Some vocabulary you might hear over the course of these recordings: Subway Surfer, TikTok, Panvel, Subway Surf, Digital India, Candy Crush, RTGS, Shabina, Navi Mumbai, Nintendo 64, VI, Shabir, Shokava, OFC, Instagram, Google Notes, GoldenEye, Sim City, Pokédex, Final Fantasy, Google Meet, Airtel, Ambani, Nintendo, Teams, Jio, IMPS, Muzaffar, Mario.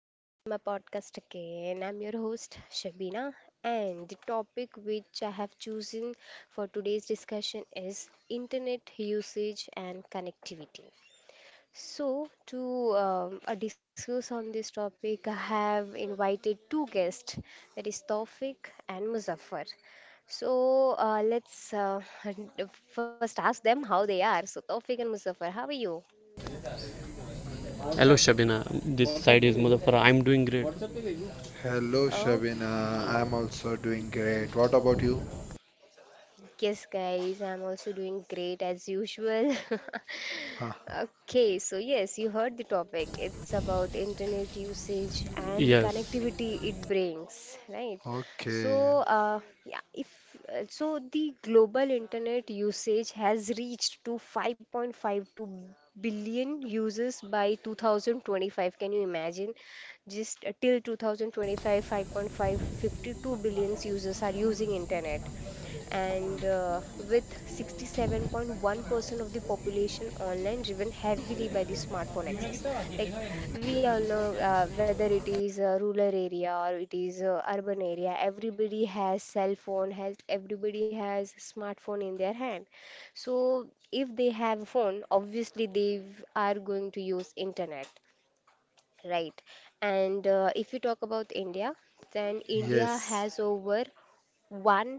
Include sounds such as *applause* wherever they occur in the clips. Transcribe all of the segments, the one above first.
welcome to my podcast again. I'm your host Shabina and the topic which I have chosen for today's discussion is internet usage and connectivity. To discuss on this topic, I have invited two guests, that is Tawfiq and Muzaffar. So let's *laughs* first ask them how they are. So Tawfiq and Muzaffar, how are you? Hello Shabina, this side is Muzaffar. I'm doing great. Hello, Shabina. Okay. I'm also doing great. What about you? Yes, guys, I'm also doing great as usual. *laughs* Ah, Okay, so yes, you heard the topic. It's about internet usage and the Yes, connectivity it brings, right? okay. So, yeah, if so, the global internet usage has reached to 5.52 billion users by 2025. Can you imagine? Just till 2025, 5.552 billion users are using internet, and with 67.1% of the population online, driven heavily by the smartphone access. Like, we all know whether it is a rural area or it is a urban area, everybody has cell phone has everybody has smartphone in their hand. So if they have a phone, obviously they are going to use internet, right? And if you talk about india, then india Yes. has over 1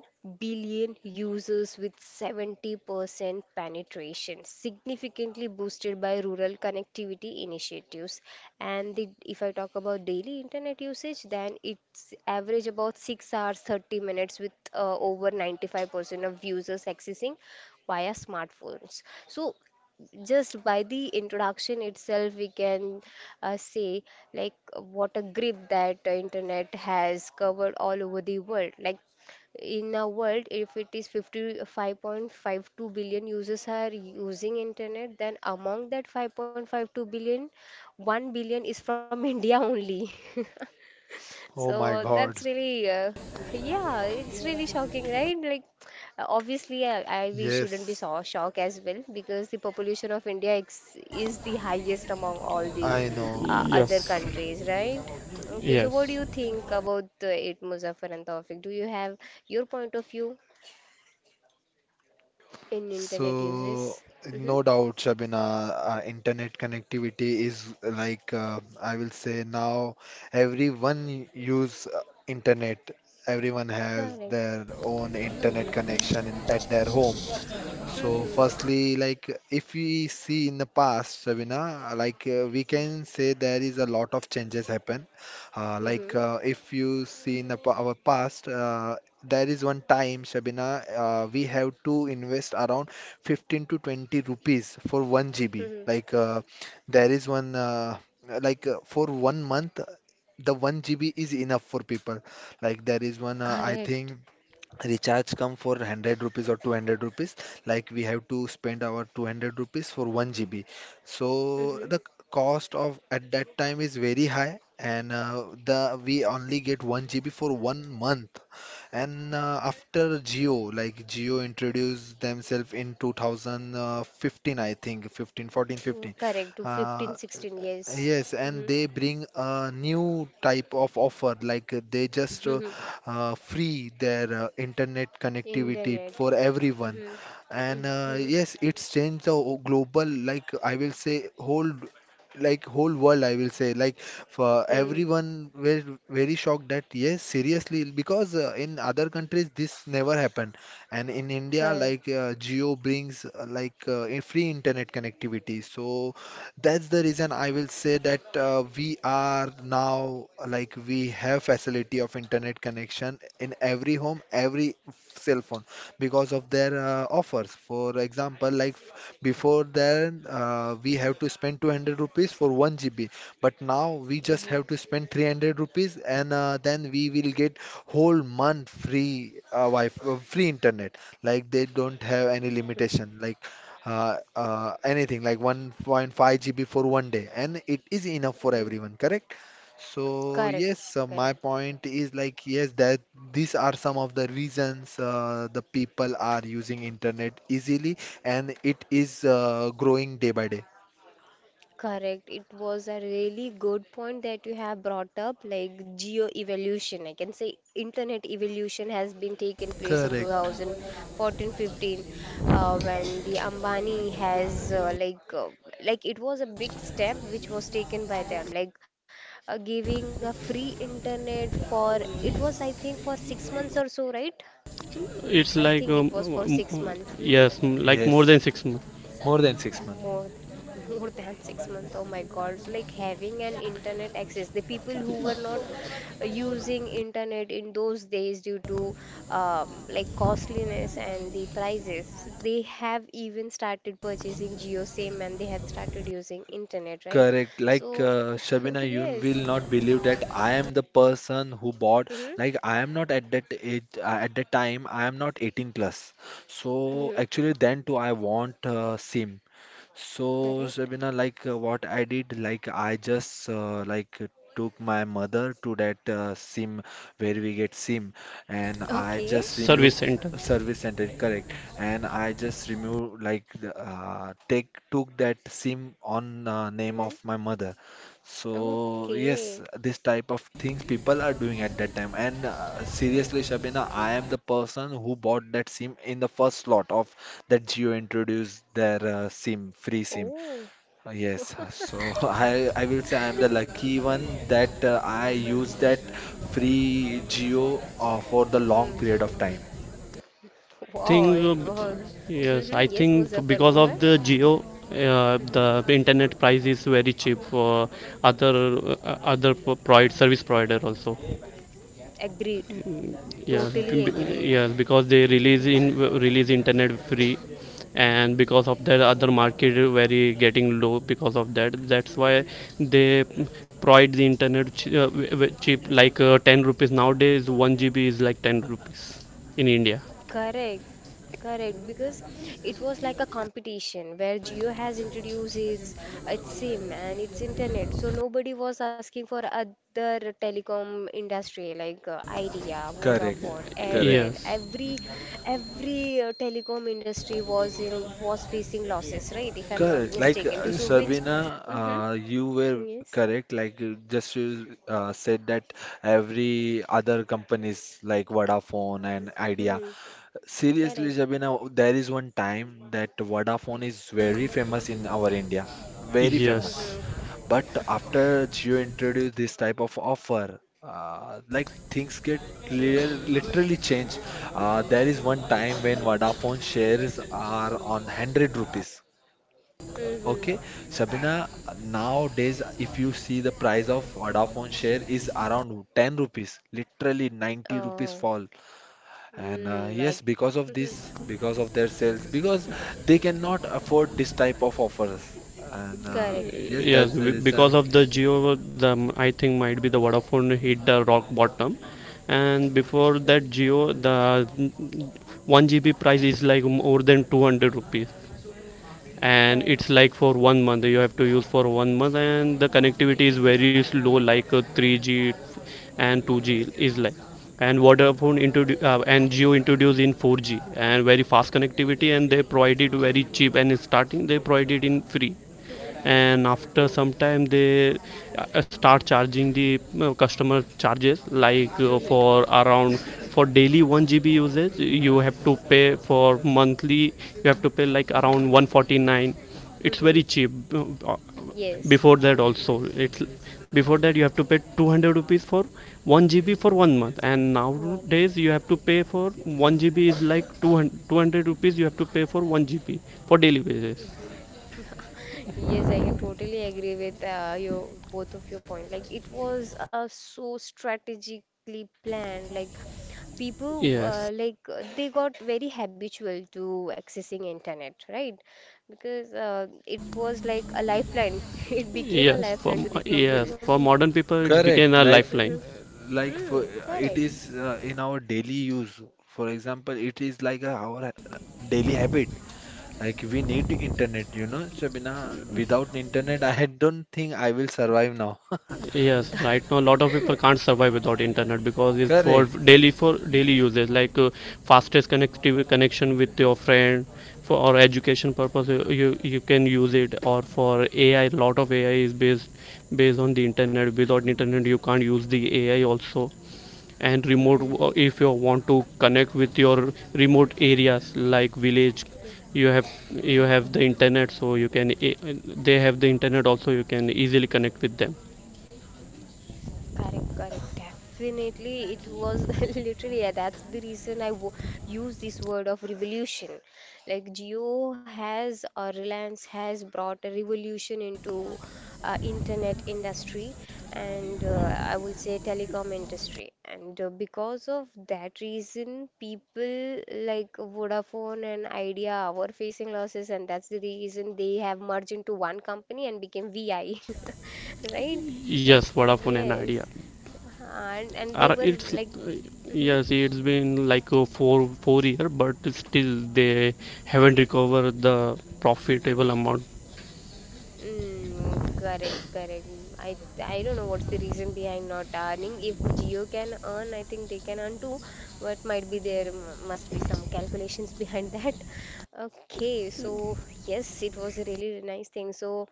billion users with 70% penetration, significantly boosted by rural connectivity initiatives. And the, if I talk about daily internet usage, then it's average about 6 hours 30 minutes, with over 95% of users accessing via smartphones. So just by the introduction itself we can say, like, what a grip that internet has covered all over the world. Like, in a world, if it is 55.52 billion users are using internet, then among that 5.52 billion, 1 billion is from *laughs* india only. Oh So my that's God. really yeah, it's really shocking, right? Like obviously I we shouldn't be Yes, so shocked as well, because the population of india ex- is the highest among all the I know. Other yes, countries, right? Okay, so what do yes. you think about it, Muzaffar and Tawfiq? Do you have your point of view in internet So, uses. no Mm-hmm. doubt, Shabina, internet connectivity is like I will say now everyone use internet. Everyone has Correct. their own internet connection in, at their home. So, Mm-hmm. firstly, like if we see in the past, Shabina, like we can say there is a lot of changes happen. Like Mm-hmm. If you see in the, our past, there is one time, Shabina, we have to invest around 15 to 20 rupees for 1 GB. Mm-hmm. Like there is one, like for one month, the 1 GB is enough for people. Like there is one, I Correct. think recharge come for 100 rupees or 200 rupees, like we have to spend our 200 rupees for 1 GB. So Mm-hmm. the cost of at that time is very high, and the we only get 1 GB for one month. And after Geo, like Geo introduced themselves in 2015, I think. Fifteen, 14, 15. Correct. To 15, uh, 16 years. Yes Mm-hmm. and they bring a new type of offer, like they just *laughs* free their internet connectivity Internet. for everyone. Mm-hmm. And Mm-hmm. Yes, it's changed the global, like I will say, whole, like whole world. I will say, like for Hmm. everyone, were very shocked that yes, seriously, because in other countries this never happened, and in India, Correct. like Geo brings like a free internet connectivity. So. That's the reason I will say that we are now, like we have facility of internet connection in every home, every cell phone, because of their offers. For example, like before then we have to spend 200 rupees for 1 GB, but now we Mm-hmm. just have to spend 300 rupees and then we will get whole month free internet. Like they don't have any limitation. Like anything like 1.5 GB for one day, and it is enough for everyone, correct? So Correct. yes, Correct. my point is, like yes, that these are some of the reasons the people are using internet easily, and it is growing day by day. Correct. It was a really good point that you have brought up, like geo evolution. I can say internet evolution has been taken place in Correct. 2014 15, when the Ambani has like, it was a big step which was taken by them, like, giving a free internet for, it was I think for 6 months or so, right? I It's think like it was for six um, months. Hmm. yes, like more Yes, than 6 months. more than 6 months. More, *laughs* more than 6 months. Oh my God. So like having an internet access, the people who were not using internet in those days due to like costliness and the prices, they have even started purchasing Geo SIM and they have started using internet, right? Correct. Like So Shabina, *laughs* you yes. will not believe that I am the person who bought. Mm-hmm. Like I am not at that age. At that time, I am not 18 plus. So Mm-hmm. actually, then too, I want SIM, so Correct. Shabina, like what I did, like I just took my mother to that SIM, where we get SIM, and I Okay. just Service removed center. service center, correct? And I just removed, like, the, take took that SIM on name of Mm-hmm. my mother. So Okay. yes, this type of things people are doing at that time. And seriously, Shabina, I am the person who bought that SIM in the first slot of that Jio introduced their SIM, free SIM. Oh. Yes, so *laughs* I will say I am the lucky one that I used that free Jio for the long Mm-hmm. period of time. *laughs* Wow, it was. Yes, I Mm-hmm. Yes, think Muzaffar, go because of ahead. the Geo, Hmm. the internet price is very cheap for other, other pro- provid service provider also. Agreed. Yes, Totally agreed. yes, because they Hmm. Release internet free, and because of that, other market very getting low because of that. That's why they provide the internet cheap, like 10 rupees nowadays. One GB is like 10 rupees in India. Correct. Correct. Because it was like a competition where Geo has introduced its SIM and its internet. So nobody was asking for other telecom industry like Idea, Correct, Vodafone, correct. Airtel. Yes, Every telecom industry was facing losses, right? If I'm not Correct. Like mistaken, due to which, Sabina, hmm, you were yes, correct. Like you just said that every other companies like Vodafone and Idea. hmm, correct. Seriously, Sabina, there is one time that Vodafone is very famous in our India, very famous. yes. Hmm. But after Jio introduced this type of offer, like things get clear, literally changed. There is one time when Vodafone shares are on 100 rupees. Hmm. Okay, Sabina, nowadays if you see, the price of Vodafone share is around 10 rupees, literally 90 rupees Oh, fall. And mm, I yes, because of *laughs* this, because of their sales, because they cannot afford this type of offers. And correct. yes, Yes, that's the because reason. of the Geo, the I think might be the Vodafone hit the rock bottom. And before Mhm. that Geo, one GB price is like more than 200 rupees, Correct. and it's like for one month, you have to use for one month. And the connectivity is very slow, like 3G and 2G is like. And Vodafone introduce and Geo introduced in 4G and very fast connectivity, and they provided very cheap, and starting they provided in free. Mhm, And after mhm, some time they start charging the customer charges like mhm, for around, for daily 1 GB usage you have to pay, for monthly you have to pay like around 149. It's very mhm. cheap. Yes. before that Mhm, also it's Before that mhm. you have to pay 200 rupees for 1 GB for one month, and One. nowadays you have to pay for 1 GB is like two hundred two hundred rupees. You have to pay for 1 GB for daily basis. *laughs* Yes, I can totally agree with your both of your point. Like, it was so strategically planned. Like, people Yes. They got very habitual to accessing internet, right? Because it was like a lifeline. *laughs* It became a Yes, lifeline to the people. yes, for modern people, it's Correct. became a lifeline. *laughs* Like for Hmm, it correct. is in our daily use. For example, it is like a, our daily habit. Like we need internet, Shabina. Without internet, I don't think I will survive now. *laughs* Yes, right now a lot of people can't survive without internet because it's for Correct. daily for daily uses like fastest connectivity, connection with your Mhm. friend for or education purpose. You can use it. Or for AI, lot of AI is based on the internet. Without internet you can't use the AI also. And Mm. if you want to connect with your remote areas like village, you have you have the internet, so you can they have the internet also, you can easily connect with them. Correct, correct. Definitely, it was *laughs* literally, yeah, that's the reason I wo use this word of revolution. Like, Geo has or Reliance has brought a revolution into internet industry, and I will say telecom industry. And because of that reason, people like Vodafone and Idea were facing losses, and that's the reason they have merged into one company and became VI, *laughs* right? Yes, Vodafone and Idea. Yes, uh-huh, and they Are were it's like, mm-hmm. Yes, it's been like a four four year, but still they haven't recovered the profitable amount. Mm, correct, correct. I don't know what's the reason behind not earning. If Jio can earn, I think they can earn too. But might be there must be some calculations *laughs* behind that. Okay, so yes, it was a really nice thing. So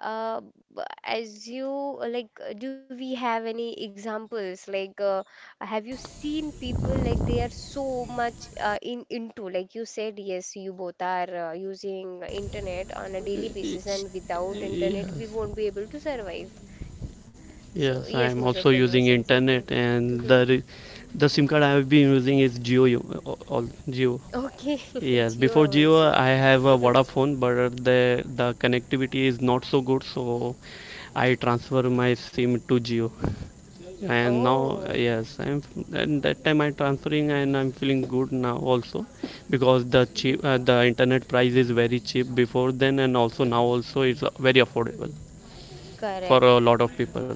Uh, as you do we have any examples? Like, have you seen people like they are so much in into, like you said, yes, you both are using internet on a daily basis, and without Y- internet, we won't be able to survive. So Yes, I yes, am also Muzaffar, you were using saying something. internet. And Mm-hmm. The SIM card I have been using is Geo. All Geo. Okay, *laughs* Yes, before Jio Geo also. I have a Mm-hmm. Vodafone, but the connectivity is not so good, so I transfer my SIM to Geo. And now, Oh, yes, I'm. And that time I transferring, and I'm feeling good now also, because the cheap, the internet price is very cheap before then, and also now also it's very affordable hmm. for Correct. a lot of people.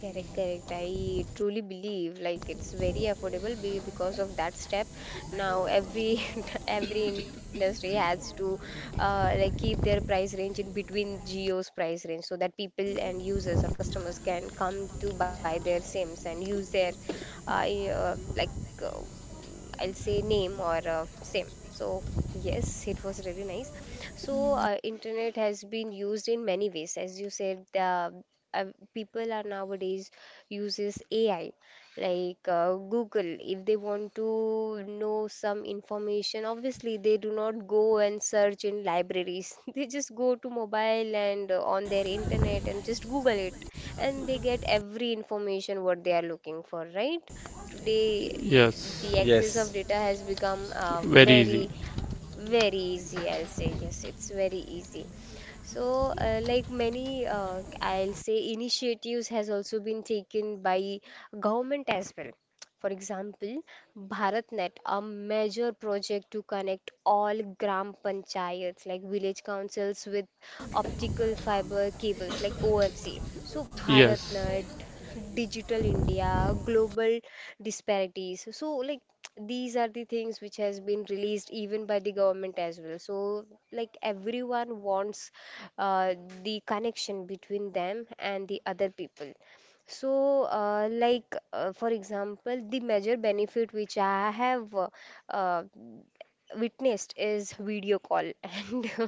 Correct, correct. I truly believe like it's very affordable be because of that step. Now every *laughs* every industry has to like keep their price range in between Jio's price range so that people and users or customers can come to buy their SIMs and use their like, uh, I'll say name or SIM. So yes, it was really nice. So internet has been used in many ways, as you said. Uh, people are nowadays uses AI, like, Google. If they want to know some information, obviously they do not go and search in libraries. *laughs* They just go to mobile and on their internet and just Google it, and they get every information what they are looking for, right? Today Yes. the access of Yes. data has become Very easy. very very easy, I'll say. Yes, it's very easy. So, like many, I'll say, initiatives has also been taken by government as well. For example, BharatNet, a major project to connect all gram panchayats, like village councils, with optical fiber cables, like OFC. So, Yes. BharatNet, Digital India, Global Disparities. So, like, these are the things which has been released even by the government as well. So, like, everyone wants uh, the connection between them and the other people. So, like for example, the major benefit which I have uh, witnessed is video call, *laughs* and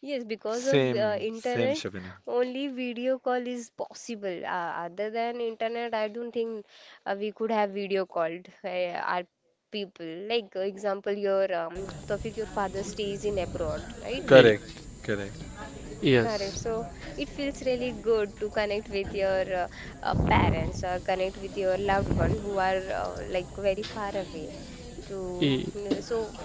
yes, because of Same, same, internet, Shabina. only video call is possible. Other than internet, I don't think we could have video called our people. Like, example, your Tawfiq, your father stays in abroad, right? Eh, Correct, correct. Correct. yes. So it feels really good to connect with your parents or connect with your loved one who are like very far away. To Eh, so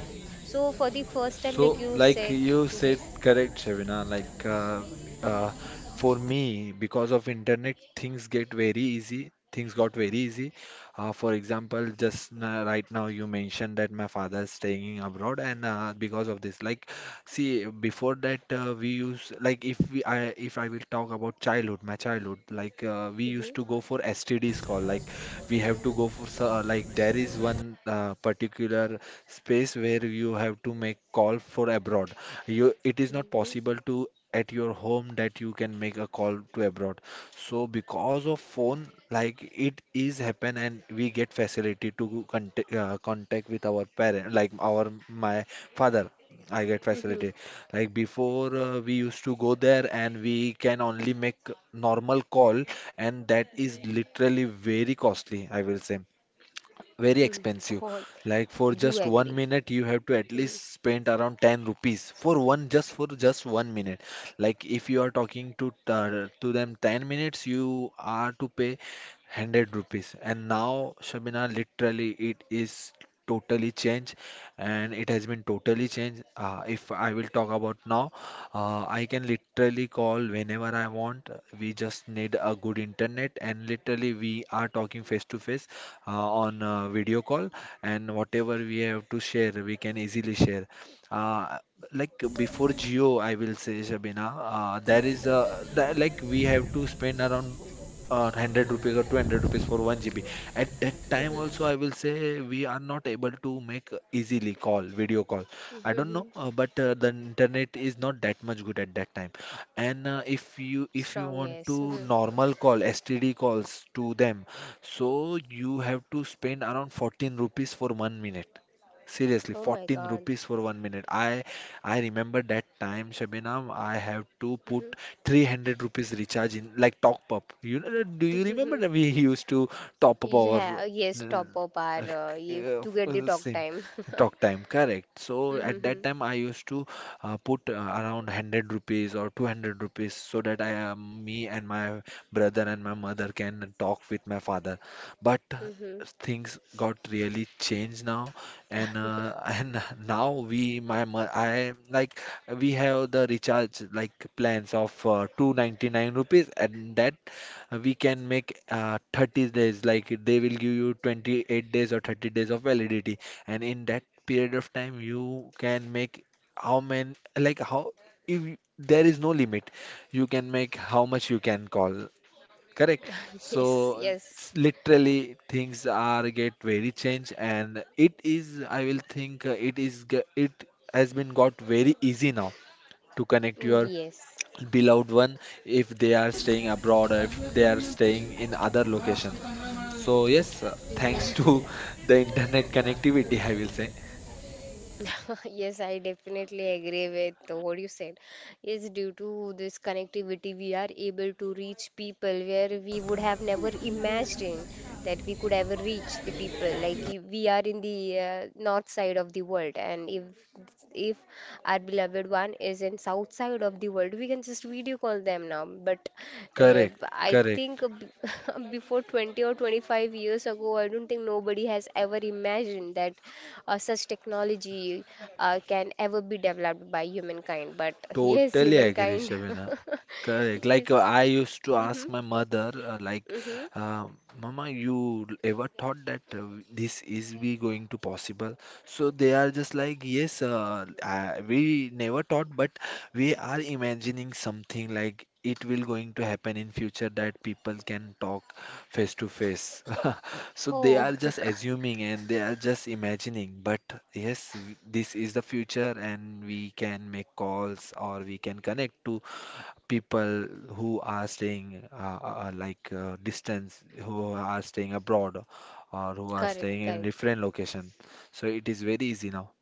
so for the first time, So, like you like said, you said, yes. correct, Shabina. Like uh, for me, because of internet, things get very easy. Things got very easy. For example, just right now you mentioned that my father is staying abroad, and because of this, like, see, before that, we use, like, if I will talk about childhood, my childhood, like we Mm-hmm. used to go for STDs call. Like we have to go for like there is one particular space where you have to make call for abroad. You it is Mm-hmm. not possible to at your home that you can make a call to abroad. So because of phone, like it is happen, and we get facility to contact contact with our parent, like our my father, I get Mm-hmm. facility. Like before, we used to go there and we can only make normal call, and that is Mm-hmm. literally very costly, I will say. Very *laughs* expensive. Oh, I Like for do just one agree. minute, you have to at Mm-hmm. least spend around 10 rupees for just one minute. Like if you are talking to to them 10 minutes, you are to pay 100 rupees. And now, Shabina, literally, it is totally changed, and it has been totally changed. If I will talk about now, I can literally call whenever I want. We just need a good internet, and literally we are talking face to face on a video call, and whatever we have to share, we can easily share. Uh, like before Geo, I will say Shabina, there is a that, like we have to spend around 100 rupees or 200 rupees for 1 GB. At that time Mm-hmm. also, I will say we are not able to make easily call, video call. I don't Mm-hmm. know, but the internet is not that much good at that time. And if Strong, you if yes. you Mm-hmm. want to normal call, STD calls to them, so you have to spend around 14 rupees for one minute. Oh Seriously, my 14 God. rupees for one minute. I remember that time, Shabinam, I have to put Mm-hmm. *laughs* 300 rupees recharge in, like, top up. Do you Mm-hmm. remember that we *laughs* used to top up our Yeah, yes, uh, top up our if to get the talk SIM, time. *laughs* talk time? Correct. So at Mm-hmm. that time, I used to put around 100 rupees or 200 rupees so that me and my brother and my mother can talk with my father. But Mm-hmm. things got really changed now, and *laughs* and now we my mo- I like we have the recharge, like, plans of 299 rupees, and that we can make 30 days, like, they will give you 28 days or 30 days of validity, and in that period of time you can make how many like how if you- there is no limit, you can make how much you can call. Correct. *laughs* Yes, So yes, literally things are get very change, and it is I will think it is g- it has been got very easy now to connect mm, your yes. beloved one if they are staying abroad or if they are staying in other location. So yes, Hmm. thanks to *laughs* the internet connectivity, I will say. *laughs* Yes, I definitely agree with what you said. Yes, due to this connectivity, we are able to reach people where we would have never imagined that we could ever reach the people. Like we are in the north side of the world, and if our beloved one is in south side of the world, we can just video call them now. But Correct. I think Correct. *laughs* Before 20 or 25 years ago, I don't think nobody has ever imagined that such technology can ever be developed by humankind. But yes, Totally agree, humankind. *laughs* Shabina. Correct. Like Yes. I used to ask Mm-hmm. my mother, Mm-hmm. uh, "Mama, you ever thought that this is be going to possible?" So they are just like, "Yes, we never thought, but we are imagining something, like it will going to happen in future that people can talk face to face." *laughs* So they Oh, are just assuming and they are just imagining, but yes, this is the future, and we can make calls or we can connect to people who are staying distance, who are staying *laughs* abroad correct, or correct. who are staying in different location. So it is very easy now.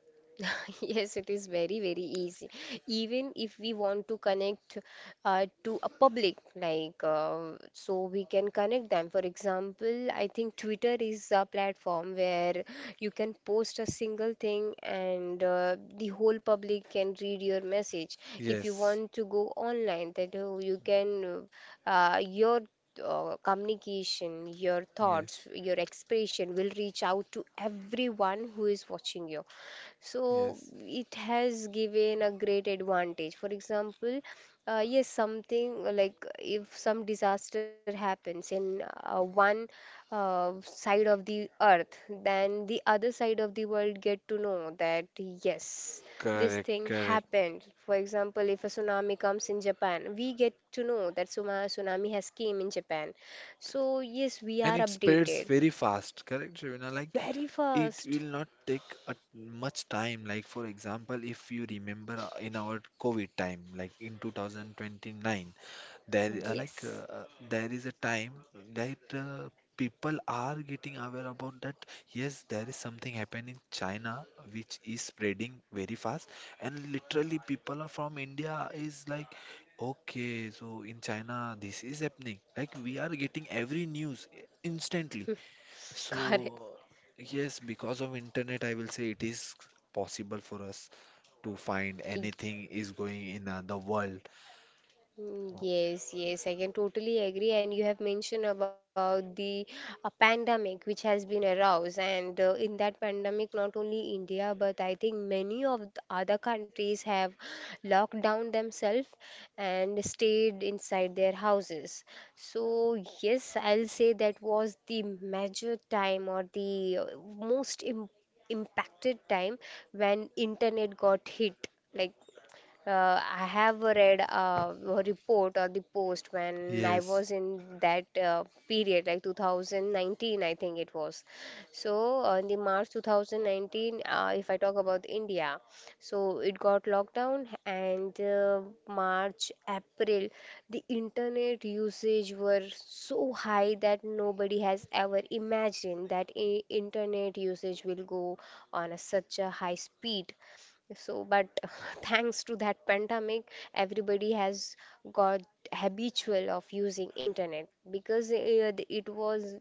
*laughs* Yes, it is very, very easy. Even if we want to connect to a public, like, so we can connect them. For example, I think Twitter is a platform where you can post a single thing and the whole public can read your message. If you Yes, want to go online, that you can, your communication, your thoughts, yes, your expression will reach out to everyone who is watching you. So yes. it has given a great advantage. For example, yes, something like if some disaster happens in one side of the earth, then the other side of the world get to know that yes, this Correct, thing correct. happened. For example, if a tsunami comes in japan, we get to know that tsunami has came in japan. So yes, we And are it spreads updated very fast, correct, Shivina? Like very it fast, will not take much time. Like, for example, if you remember in our COVID time, like in 2029, yes. There is a time that people are getting aware about that. Yes, there is something happening in China which is spreading very fast, and literally people are from India is like, okay, so in China this is happening. Like we are getting every news, instantly. *laughs* Correct. So, yes, because of internet, I will say it is possible for us to find anything is going in the world. Mm, Oh, yes, yes, I can totally agree. And you have mentioned about the pandemic which has been aroused, and in that pandemic, not only India but I think many of the other countries have locked down themselves and stayed inside their houses. So, yes, I'll say that was the major time or the most im impacted time when internet got hit. Like I have read a report or the post when I yes, was in that period, like 2019, I think it was. So, in the March 2019, if I talk about India, so it got locked down, and March, April, the internet usage were so high that nobody has ever imagined that internet usage will go on a such a high speed so, but *laughs* thanks to that pandemic, everybody has got habitual of using internet because it was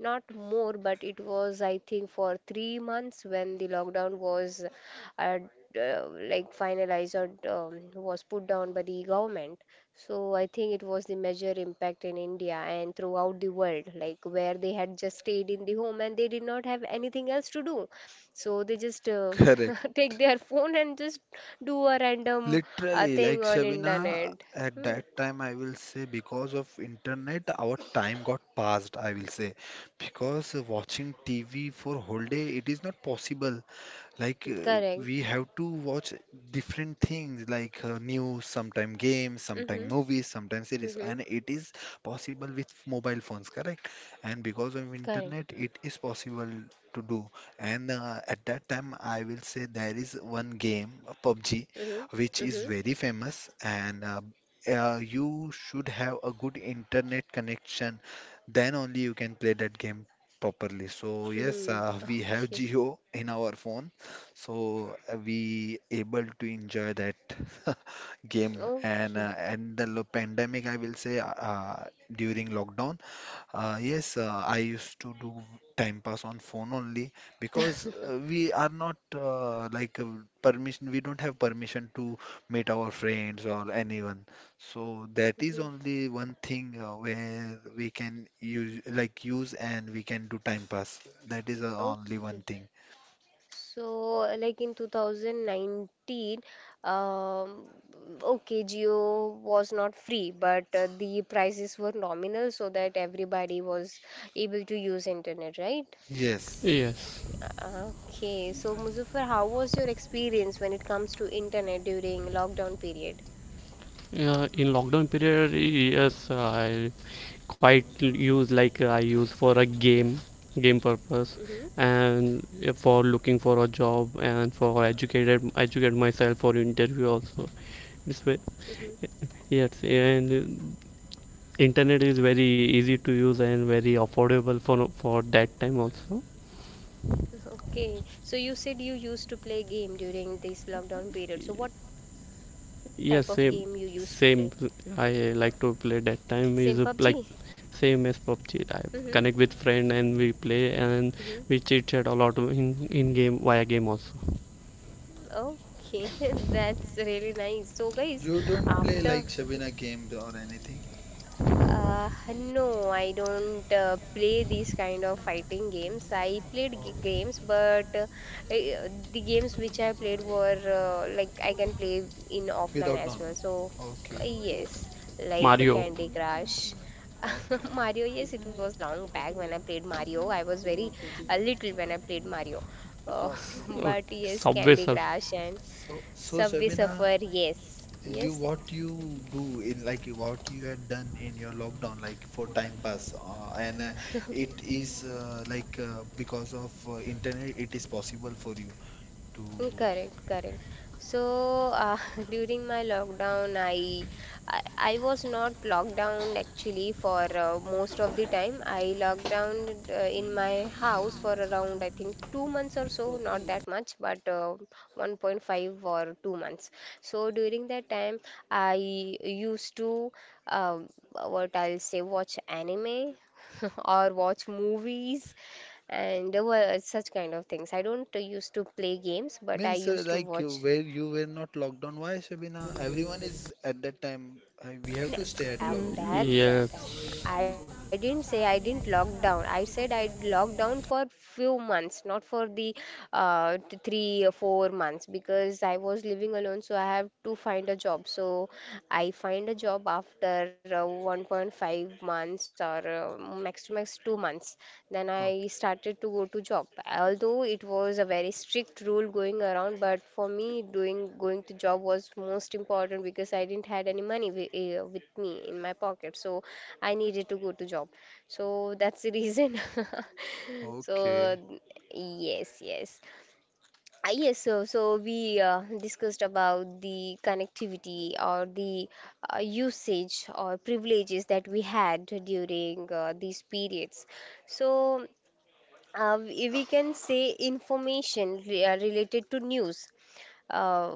not more, but it was I think for 3 months when the lockdown was uh, like finalized or was put down by the government. So I think it was the major impact in India and throughout the world, like where they had just stayed in the home and they did not have anything else to do. So they just correct. *laughs* take their phone and just do a random Literally, thing like on Shabina, internet. at Hmm. that time, I will say because of internet, our time got passed, I will say. Because watching TV for whole day, it is not possible. Correct. We have to watch different things like news sometime, games sometime, Mm-hmm. movies sometime, Mm-hmm. series, and it is possible with mobile phones, correct? And because of Correct. internet it is possible to do. And at that time I will say there is one game, PUBG, Mm-hmm. which is Mm-hmm. very famous. And you should have a good internet connection, then only you can play that game properly. So Mm-hmm. yes, we Okay. have Geo in our phone, so we able to enjoy that *laughs* game. and Okay. uh, and the pandemic I will say, during lockdown, yes, I used to do time pass on phone only, because we are not like permission, we don't have permission to meet our friends or anyone. So that is Mm-hmm. only one thing where we can use, like use, and we can do time pass. That is only one Okay. thing. So, like in 2019, um, okay, Jio was not free, but the prices were nominal so that everybody was able to use internet, right? Yes, yes. Okay, so Muzaffar, how was your experience when it comes to internet during lockdown period? Yeah, in lockdown period, yes, I quite use like I use for a game, game purpose, Mm-hmm. and for looking for a job, and for educate myself for interview also. This way, Mm-hmm. *laughs* yes. And internet is very easy to use and very affordable for that time also. Okay, so you said you used to play game during this lockdown period. So what type of game you used to Yes, play? same, same. I like to play Same that PUBG? time is like same as PUBG. I Mm-hmm. connect with friend and we play, and we chit chat a lot in game via game also. Mm-hmm. Okay, *laughs* that's really nice. So guys, you don't play after like Shabina games or anything? No, I don't play these kind of fighting games. I played g Okay. games, but the games which I played were like I can play in offline Without as well. normal. So, Okay. yes, like Mario. Candy Crush. *laughs* Okay. Mario, yes, it was a long back when I played Mario. I was very little when I played Mario. Uh, S- *laughs* Okay. uh, but yes, Subway Candy Surf. Crush and So Subway Shabina, Surfer, yes, you yes. what you do in, like what you had done in your lockdown, like for time pass and it is like because of internet it is possible for you Mm, to? correct, correct. So *laughs* during my lockdown, I I was not locked down actually for most of the time. I locked down in my house for around I think 2 months or so, not that much, but 1.5 or 2 months. So during that time, I used to um, what I'll say watch anime *laughs* or watch movies and there were such kind of things. I don't used to play games, but I Means used to like watch. where you were not locked down? Why Shabina, everyone is, at that time we have No, to stay at oh, home. that's Yes, sad. I didn't say I didn't lock down. I said I locked down for few months, not for the 3 or 4 months because I was living alone, so I have to find a job. So I find a job after 1.5 months or max to max 2 months. Then I Okay. started to go to job. Although it was a very strict rule going around, but for me, doing going to job was most important because I didn't had any money with me in my pocket, so I needed to go to job. So that's the reason. *laughs* So Okay. yes, yes. Ah, yes, so so we discussed about the connectivity or the usage or privileges that we had during these periods. So we can say information related to news. Uh,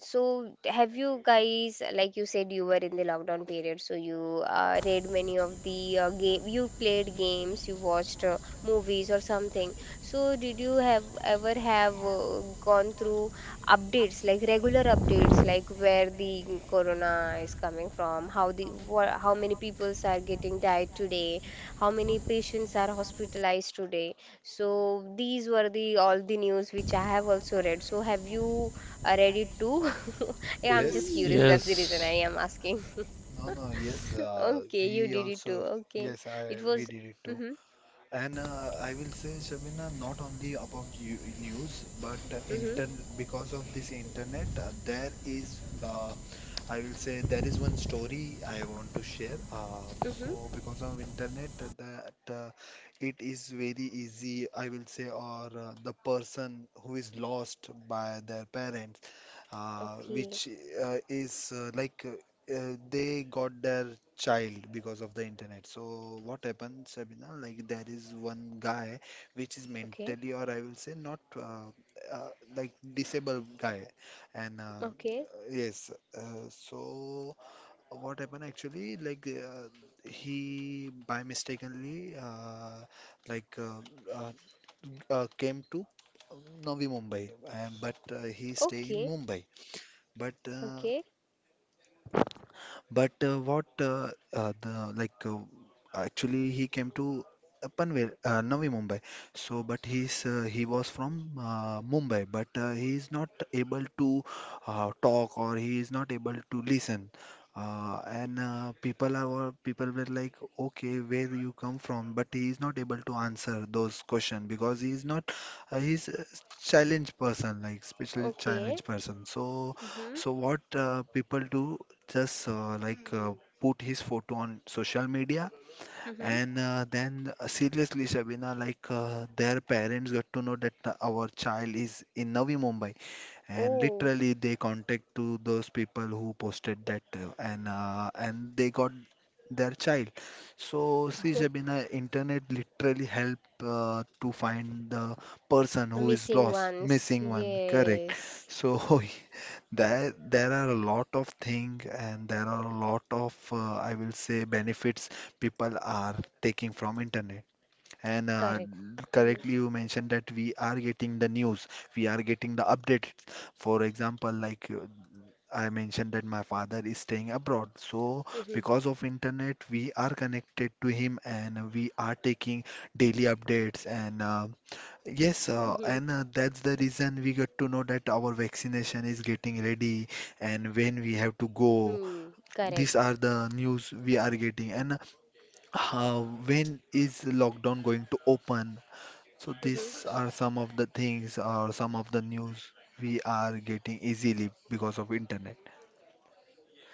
so have you guys, like you said, you were in the lockdown period, so you read many of the game, you played games, you watched movies or something. So did you have ever have gone through updates like regular updates like where the corona is coming from how the how many people are getting died today, how many patients are hospitalized today, so these were the all the news which I have also read. So have you read it too? *laughs* Yeah, I'm just Yes, curious, that's the reason I yes, am asking. no, no, yes, *laughs* Okay, you we did it too. also, Okay, yes, I it we was. did it too. Mhm. And I will say, Shabina, not only about you, news, but Mhm. intern because of this internet, there is, I will say, there is one story I want to share. Mhm. So because of internet, that it is very easy, I will say, or the person who is lost by their parent, Okay. which is like they got their child because of the internet. So what happened, Sabina? Like there is one guy which is Okay. mentally, or I will say, not uh, like disabled guy, and Okay. yes. So what happened actually? Like he by mistakenly like uh, came to uh, Navi Mumbai, and but he stay Okay. in Mumbai. But uh, Okay. but what the like actually he came to Panvel, Navi Mumbai. So, but he's he was from Mumbai, but he is not able to talk or he is not able to listen. And people were like, okay, where you come from? But he is not able to answer those questions because he is not he's a challenged person, like especially Okay. challenged person. So, Mhm. so what people do? Just like put his photo on social media, Mhm. and then seriously Shabina, like their parents got to know that our child is in Navi Mumbai, and Oh, literally they contact to those people who posted that, and they got their child. So see Shabina, internet literally help to find the person the who is missing lost, ones. missing one, correct? Yes. So *laughs* there are a lot of things, and there are a lot of, I will say, benefits people are taking from internet. And Correct. Mhm. correctly, you mentioned that we are getting the news, we are getting the updates. For example, like I mentioned that my father is staying abroad. So Mhm. because of internet, we are connected to him and we are taking daily updates, and Mhm. yes, and that's the reason we got to know that our vaccination is getting ready and when we have to go. Hmm. Correct. These are the news we are getting. And uh, when is lockdown going to open? So Mhm. these are some of the things or some of the news we are getting easily because of internet.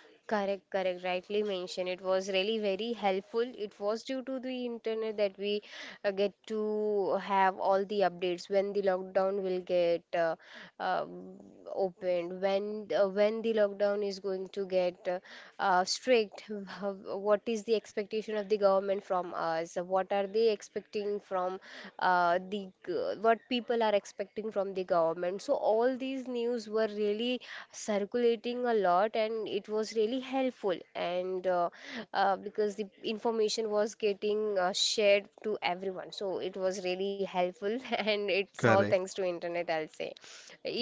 Correct, correct. Rightly mentioned. It was really very helpful. It was due to the internet that we get to have all the updates when the lockdown will get um, opened, when the lockdown is going to get strict, *laughs* what is the expectation of the government from us, what are they expecting from what people are expecting from the government. So all these news were really circulating a lot, and it was really helpful. And because the information was getting shared to everyone, so it was really helpful, *laughs* and it's all Correct, thanks to internet, I'll say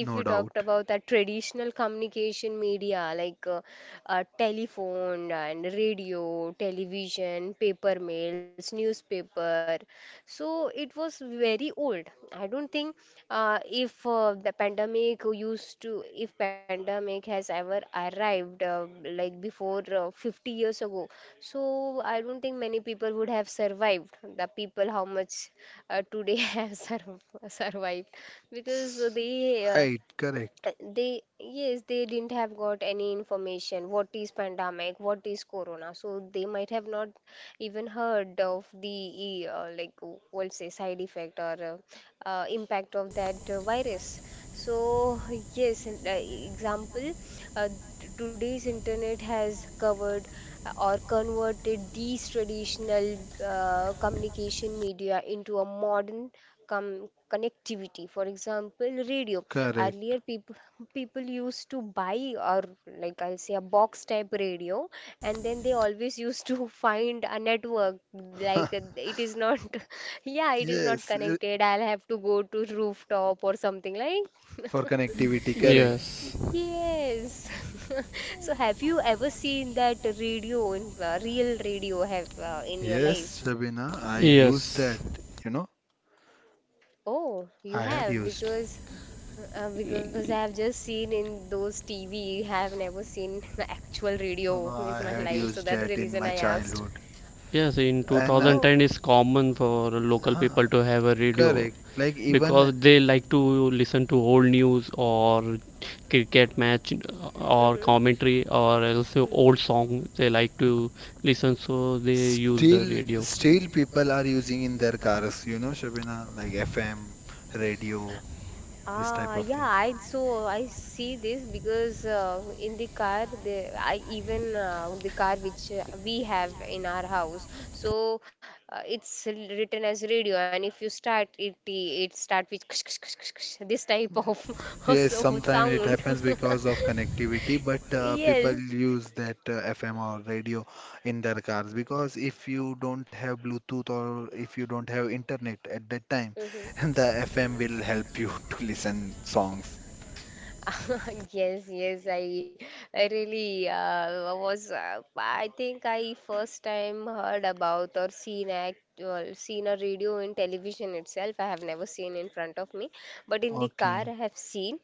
if we talked doubt. about that traditional communication media like telephone and radio, television, paper mails, newspaper. So it was very old. I don't think if the pandemic used to, if pandemic has ever arrived like before 50 years ago, so I don't think many people would have survived. The people how much today *laughs* have survived because S- they Right, correct, yes they didn't have got any information what is pandemic what is corona, so they might have not even heard of the like we say side effect or impact of that virus. So yes, and, example, uh, today's internet has covered or converted these traditional communication media into a modern connectivity, for example radio. correct. Earlier people used to buy or like I'll say a box type radio, and then they always used to *laughs* find a network, like *laughs* it is not *laughs* yeah it is not Yes, connected, I'll have to go to rooftop or something like for connectivity, correct. yes, yes. *laughs* So have you ever seen that radio in real radio have in your Yes, life? Sabina, I used that. yes. You know, Oh, you I had have. used. Because because I have just seen in those TV, have never seen *laughs* actual You know, radio in I my had life, so used that's the that in reason my I asked. childhood. Yes, in And Oh, 2010 it's common for local huh, people to have a radio, correct. Like even because they like to listen to old news, or cricket match, or mm-hmm, commentary, or also old mm-hmm. song they like to listen, so they use the still, radio. still people are using in their cars. You know, Shabina, like FM, radio, this type Ah, of yeah, thing. I so I see this because in the car, the I even the car which we have in our house, so written as radio, and if you start it, it start with *laughs* this type of *laughs* Yes, so sometimes it sound. happens because *laughs* of connectivity, but people Yes. use that FM or radio in their cars, because if you don't have Bluetooth or if you don't have internet at that time, Mm-hmm, *laughs* the FM mm-hmm. will help you *laughs* to listen songs. *laughs* Yes, yes, I really was. I think I first time heard about or seen well, seen a radio in television itself. I have never seen in front of me, but in the car Okay. I have seen,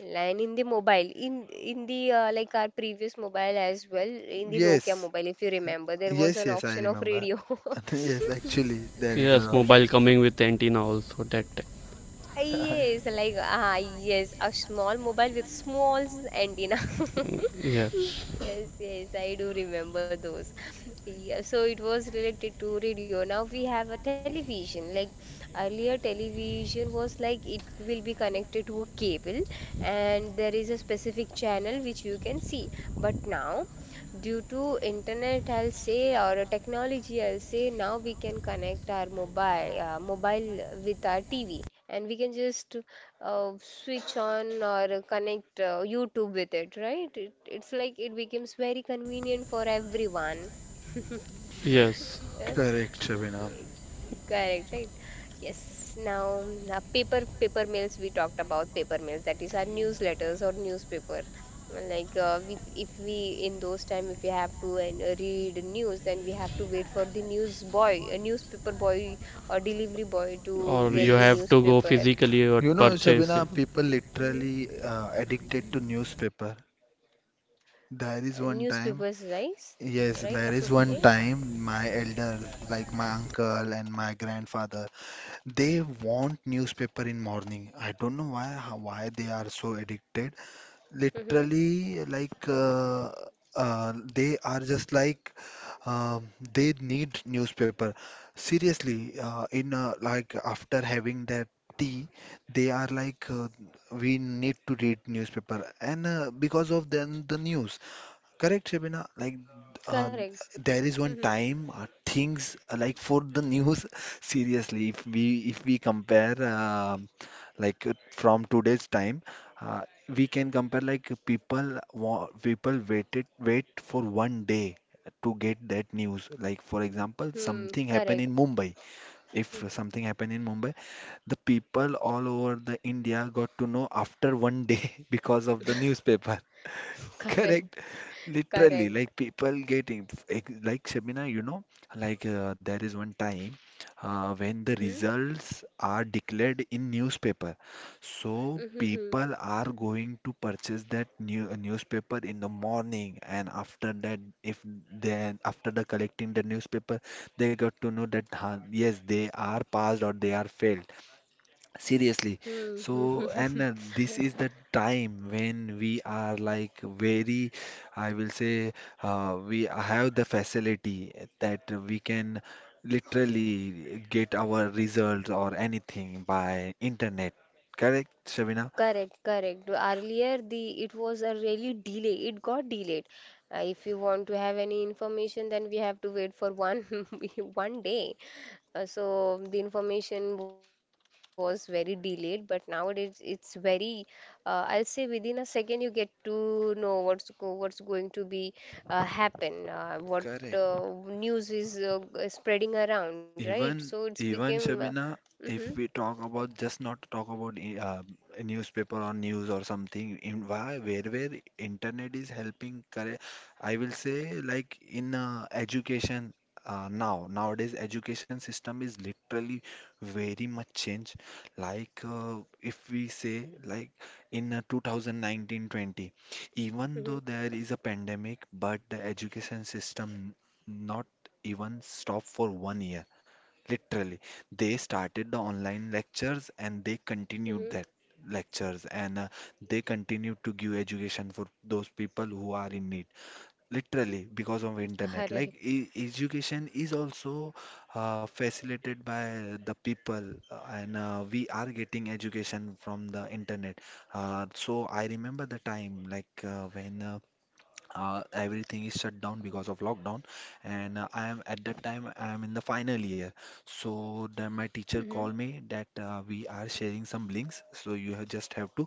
and in the mobile, in the like our previous mobile as well, in the Nokia Yes, mobile, if you remember, there was yes, an yes, I option of remember. radio. *laughs* *laughs* Yes, actually, there is an Yes, option. mobile coming with antenna also that time. Yes, *laughs* like ah yes, a small mobile with small antenna. Mm, *laughs* yes. Yes, yes, I do remember those. *laughs* Yeah, so it was related to radio. Now we have a television. Like earlier, television was like it will be connected to a cable and there is a specific channel which you can see. But now due to internet I'll say or technology I'll say now we can connect our mobile with our TV and we can just switch on or connect YouTube with it, right? It's like it becomes very convenient for everyone. Yes. Yeah. Correct, Shabina. Yeah, correct, right? Yes. Now, now paper mails, we talked about paper mails, that is our newsletters or newspaper. Like if we in those time if we have to and read news then we have to wait for the news boy, a newspaper boy or delivery boy to Or you get the have Yes. to go newspaper. physically or You know, purchase it. Shabina, people Mm-hmm. literally addicted to newspaper. There is one time, Newspapers, right? yes, Right? there *laughs* is one Okay. time my elders, like my uncle and my grandfather, they want newspaper in morning. I don't know why, why they are so addicted, Mm-hmm. literally like they are just like um, they need newspaper, seriously, in like after having that tea, they are like, we need to read newspaper, and because of then the news. Correct, Shabina. Like, uh, Correct. there is one Mm-hmm. time things, like for the news. *laughs* Seriously, if we compare like from today's time, uh, we can compare like people wait for 1 day to get that news. Like for example, Hmm. something happened in Correct. Mumbai. If something happened in Mumbai, the people all over the India got to know after 1 day *laughs* because of the newspaper. *laughs* *laughs* Correct. Correct. Literally, Correct. like people getting like Shabina, you know, like there is one time when the Mm-hmm. results are declared in newspaper. So Mm-hmm. people are going to purchase that newspaper in the morning, and after that, if then after the collecting the newspaper, they got to know that huh, yes, they are passed or they are failed. Seriously. Hmm, hmm, So, hmm. and this is the time when we are like very, I will say, we have the facility that we can literally get our results or anything by internet. Correct, Shabina? Correct, correct. Earlier, the it was a really delay. It got delayed. If you want to have any information, then we have to wait for one *laughs* one day. So the information was very delayed, but nowadays it's very. I'll say within a second you get to know what's going to be happen. What Correct. news is spreading around, right? So Even it's became. even Shabina, Mm-hmm, if we talk about just not talk about a newspaper or news or something, in why where internet is helping, correct? I will say like in education, now nowadays education system is literally very much changed. Like if we say like in 2019-20, even mm-hmm, though there is a pandemic, but the education system not even stop for 1 year. Literally, they started the online lectures and they continued mm-hmm. that *laughs* lectures, and they continued to give education for those people who are in need. Literally, because of internet. Like Correct. e education is also facilitated by the people, and we are getting education from the internet. So I remember the time like when everything is shut down because of lockdown, and I am, at that time I am in the final year, so then my teacher called me that we are sharing some links, so you have just have to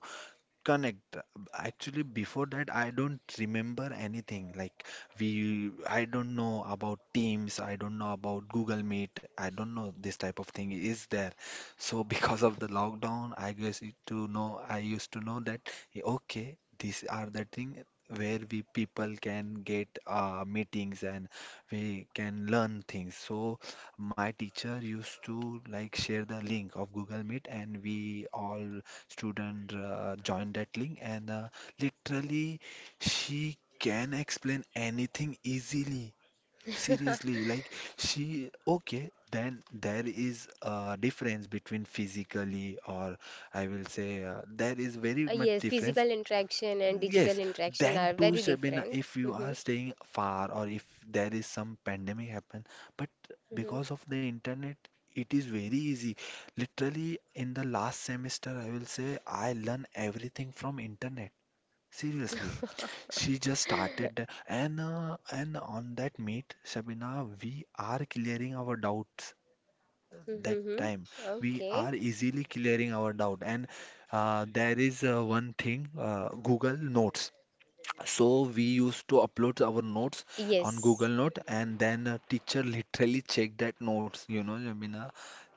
connect. Actually, before that, I don't remember anything. Like we, I don't know about Teams, I don't know about Google Meet, I don't know this type of thing is there. So *laughs* because of the lockdown, I guess it to know, I used to know that eh, okay, these are the thing where we people can get meetings and we can learn things. So my teacher used to like share the link of Google Meet, and we all student joined that link, and literally she can explain anything easily. Seriously, like she, okay, then there is a difference between physically or I will say there is very much Yes, difference. physical interaction and digital Yes, interaction then are too, very Shabina, different. if you are Mm-hmm. staying far, or if there is some pandemic happen, but because of the internet, it is very easy. Literally, in the last semester, I will say I learn everything from internet. Seriously, Mm-hmm. she just started and on that meet, Shabina, we are clearing our doubts. *laughs* That Mm-hmm. time we Okay. are easily clearing our doubt, and there is one thing, Google Notes. So we used to upload our notes Yes. on Google Note, and then a teacher literally checked that notes, you know, Jamina.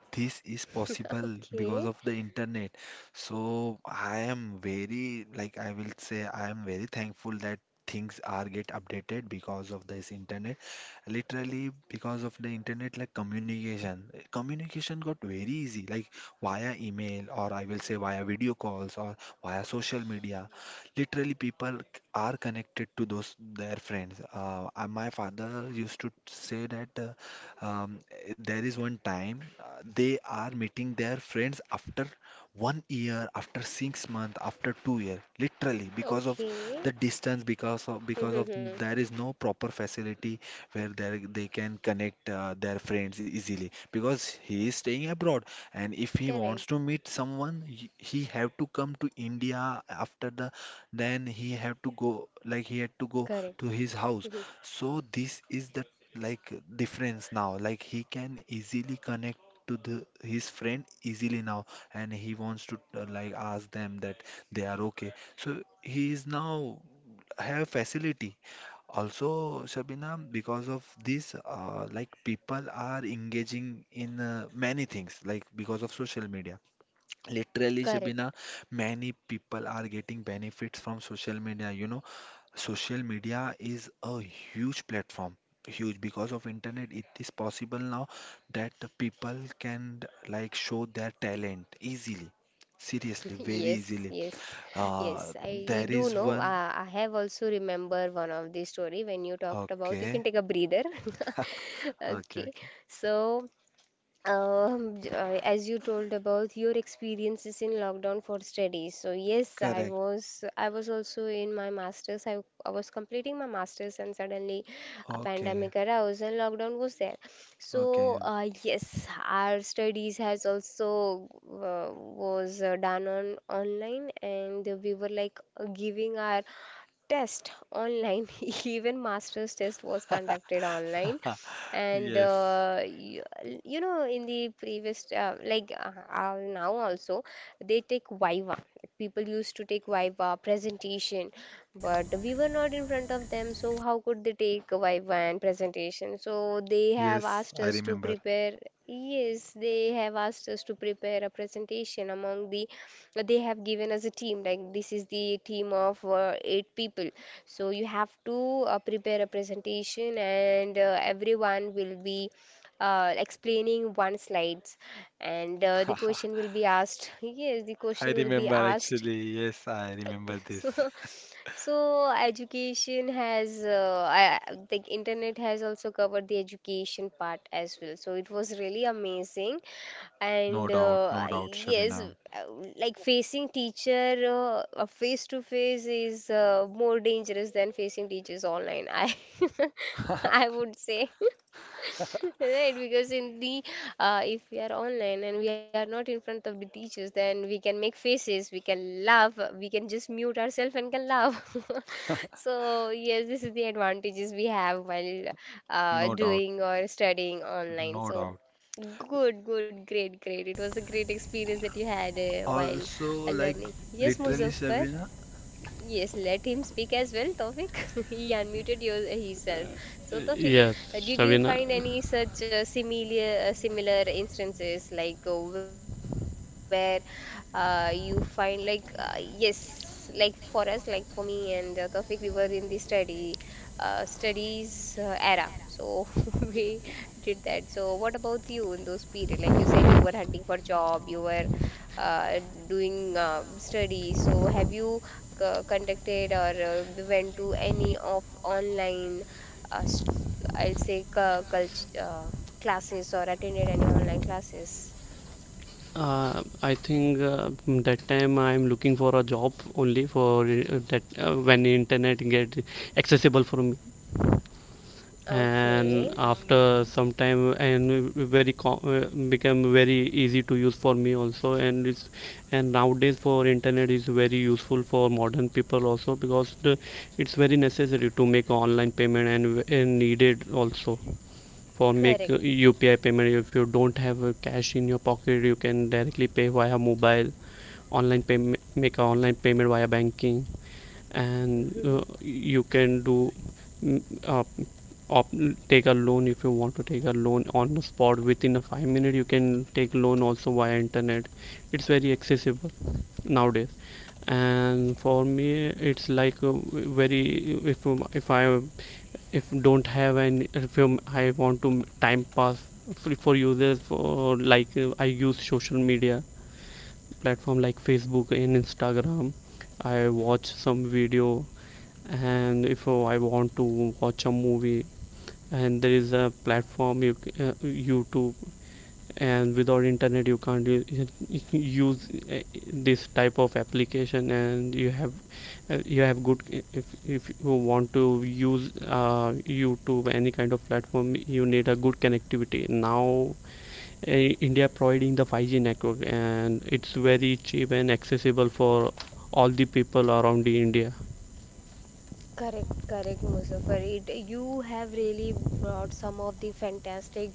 This is *laughs* possible Okay. because of the internet. So I am very, like I will say, I am very thankful that things are get updated because of this internet, literally because of the internet, like communication got very easy, like via email, or I will say via video calls, or via social media. Literally people are connected to those their friends. My father used to say that, um, there is one time they are meeting their friends after 1 year, after 6 months, after 2 year, literally because of Okay. the distance, because of Mm-hmm. there is no proper facility where they can connect their friends easily, because he is staying abroad, and if he wants Correct. to meet someone, he have to come to India after. The then he have to Correct. go, like he had to go Hmm. to his house. So this is the like difference now. Like he can easily connect to the his friend easily now, and he wants to like ask them that they are okay. So he is now have facility. Also, Shabina, because of this, like people are engaging in many things, like because of social media. Literally, Correct. Shabina, many people are getting benefits from social media. You know, social media is a huge platform, huge because of internet. It is possible now that the people can like show their talent easily, seriously, *laughs* very Yes. easily. Yes. Yes. I There do is know. one. I have also remember one of the story when you talked about. You can Okay, take a breather. *laughs* okay, Okay. okay. So. As you told about your experiences in lockdown for studies. So yes, Correct. I was also in my masters. I was completing my masters and suddenly a Okay, pandemic arose and lockdown was there. So okay. Yes, our studies has also was done on online, and we were like giving our test online. *laughs* Even master's test was conducted online. *laughs* And Yes, In the previous, now also they take viva, people used to take viva presentation. But we were not in front of them, so how could they take a viva and presentation? So they have yes, asked I us to remember. prepare, yes, they have asked us to prepare a presentation among the, they have given us a team. Like this is the team of 8 people, so you have to prepare a presentation, and everyone will be explaining one slides, and the *laughs* question will be asked. *laughs* Yes, the I question will be remember asked. actually. Yes, I remember *laughs* So, this. so education has, I think internet has also covered the education part as well. So it was really amazing. No And doubt, no doubt, Shabina. Like facing teacher face to face is more dangerous than facing teachers online, I *laughs* I would say. *laughs* Right, because in the, if we are online and we are not in front of the teachers, then we can make faces, we can laugh, we can just mute ourselves and can laugh. *laughs* So yes, this is the advantages we have while No doubt, doing or studying online. no So doubt. good, good, great, great. It was a great experience that you had while Also, like learning. Yes, literally, Muzaffar. Shabina. Yes, let him speak as well, Tawfiq. *laughs* He unmuted your, himself. So, Tawfiq, Yes, did you Shabina. find any such similar instances like where you find like, yes, like for us, like for me and Tawfiq, we were in the study studies era, so *laughs* we did that. So, what about you in those period? Like you said, you were hunting for job, you were uh, doing study. So have you contacted or went to any of online, st I'll say c- cult classes, or attended any online classes? I think that time I'm looking for a job only for that, when internet get accessible for me, and Okay, after some time and very become very easy to use for me also. And it's, and nowadays for internet is very useful for modern people also, because the, it's very necessary to make online payment and needed also. For make correct. UPI payment. If you don't have cash in your pocket, you can directly pay via mobile, online payment, make an online payment via banking. And *laughs* you can do, mm, uh, take a loan. If you want to take a loan on the spot, within a 5 minute you can take loan also via internet. It's very accessible nowadays. And for me it's like a very, if I, if don't have any, if I want to time pass for, users for like, I use social media platform like Facebook and Instagram. I watch some video. And if, oh, I want to watch a movie, and there is a platform you, YouTube. And without internet you can't use this type of application. And you have, you have good, eh, if you want to use YouTube, any kind of platform, you need a good connectivity. Now India providing the 5G network, and it's very cheap and accessible for all the people around the India. Correct, correct, Muzaffar. It, you have really brought some of the fantastic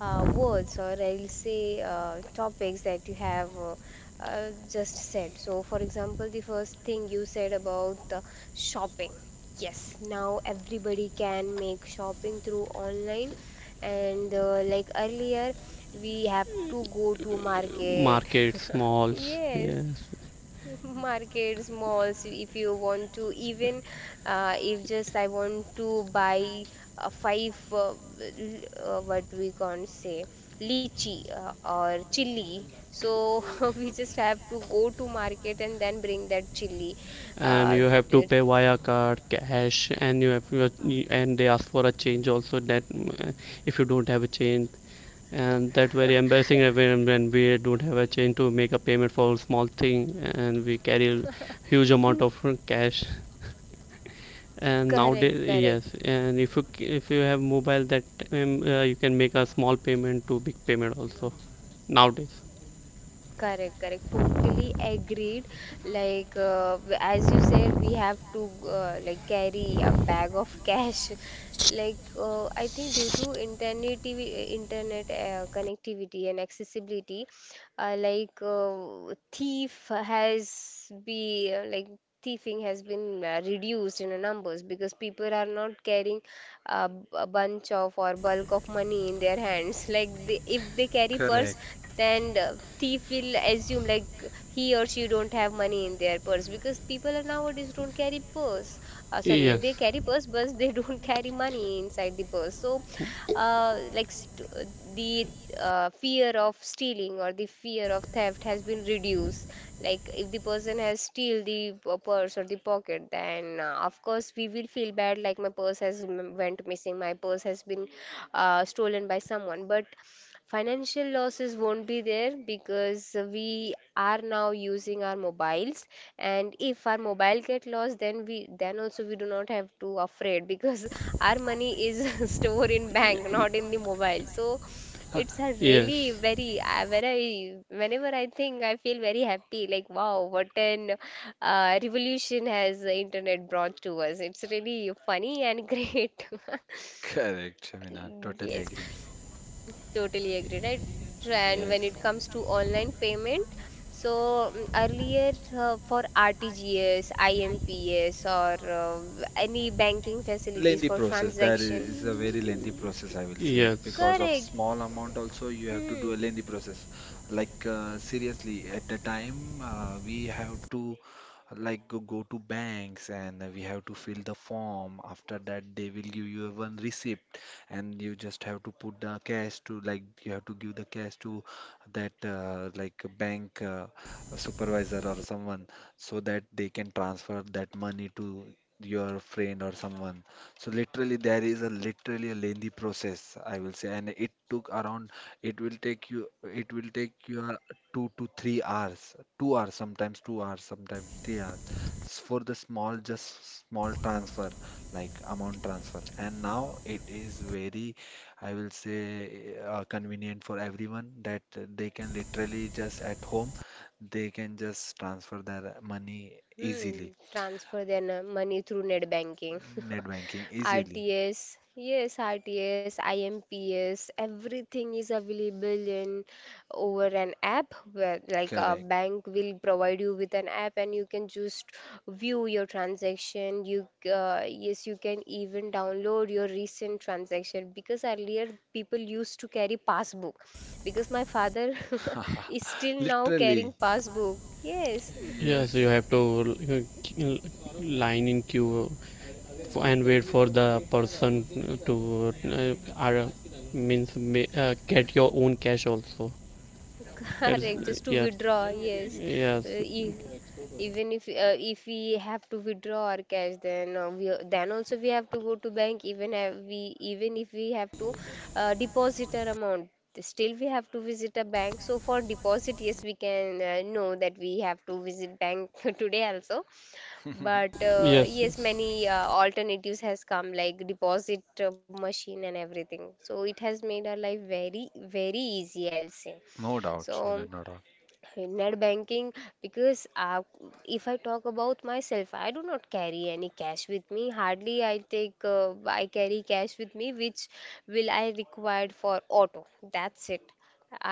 words, or I'll say topics that you have just said. So, for example, the first thing you said about shopping. Yes, now everybody can make shopping through online, and like earlier, we have to go to market. Market, *laughs* malls, Yes, yes. *laughs* markets, malls, if you want to, even if just I want to buy five, what we can't say, lychee or chili. So *laughs* we just have to go to market and then bring that chili. And Uh, you have to t- pay via card, cash. And you have, and they ask for a change also that, if you don't have a change, and that very embarrassing when we don't have a change to make a payment for a small thing, and we carry huge amount of cash. *laughs* and correct, nowadays, correct. yes, and if you have mobile that, you can make a small payment to big payment also nowadays. Correct, correct. Totally agreed. Like, as you said, we have to like carry a bag of cash. *laughs* Like, I think due to internet, internet connectivity and accessibility, like thief has be like thieving has been reduced in the numbers because people are not carrying a bunch of or bulk of money in their hands. *laughs* Like they, if they carry purse, Correct, then the thief will assume like he or she don't have money in their purse, because people are nowadays don't carry purse. Sorry, Yes. they carry purse, but they *laughs* don't carry money inside the purse. So, like st the fear of stealing or the fear of theft has been reduced. Like if the person has steal the purse or the pocket, then of course we will feel bad, like my purse has went missing, my purse has been stolen by someone, but financial losses won't be there because we are now using our mobiles. And if our mobile get lost, then we, then also we do not have to afraid, because *laughs* our money is *laughs* stored in bank, not in the mobile. So it's a really Yes. very whenever I think, I feel very happy like wow, what an revolution has the internet brought to us. It's really funny and *laughs* great. correct, Shabina. Totally Yes, agree. totally agree, right? And when Yes. it comes to online payment, so mm, earlier for RTGS, IMPS, or any banking facilities Lengthy for process. That i- transaction, is a very lengthy process, I will say. Yes. Because of correct. small amount also, you have to Hmm. do a lengthy process. Like seriously, at the time, we have to like go to banks and we have to fill the form. After that, they will give you a one receipt, and you just have to put the cash to, like you have to give the cash to that like bank supervisor or someone, so that they can transfer that money to your friend or someone. So literally there is a literally a lengthy process, I will say, and it took around, it will take your 2 to 3 hours, 2 hours, sometimes 2 hours, sometimes 3 hours, s- for the small, just small transfer, like amount transfer. And now it is very, I will say, convenient for everyone that they can literally just at home they can just transfer their money Hmm, easily, transfer their money through net banking. net banking easily. RTS, yes, RTS, IMPS, everything is available in over an app where like a Correct. bank will provide you with an app, and you can just view your transaction. You, yes, you can even download your recent transaction, because earlier people used to carry passbook, because my father *laughs* is *laughs* still now Literally, carrying passbook. Yes, Yes, you yes. have to l- line in queue and wait for the person to are, get your own cash also. That's. correct, just Lit- to Yes, withdraw, yes. Uh, yes, e- even if if we have to withdraw our cash, then we then also we have to go to bank. Even if we have to deposit our amount, still we have to visit a bank. So for deposit, yes, we can know that we have to visit bank *laughs* today also. *laughs* But yes, yes, yes. many alternatives has come, like deposit machine and everything. So it has made our life very very easy, I'll say. No doubt, So Vinay, no doubt. net banking, because if I talk about myself, I do not carry any cash with me. Hardly I take I carry cash with me, which will I required for auto. That's it.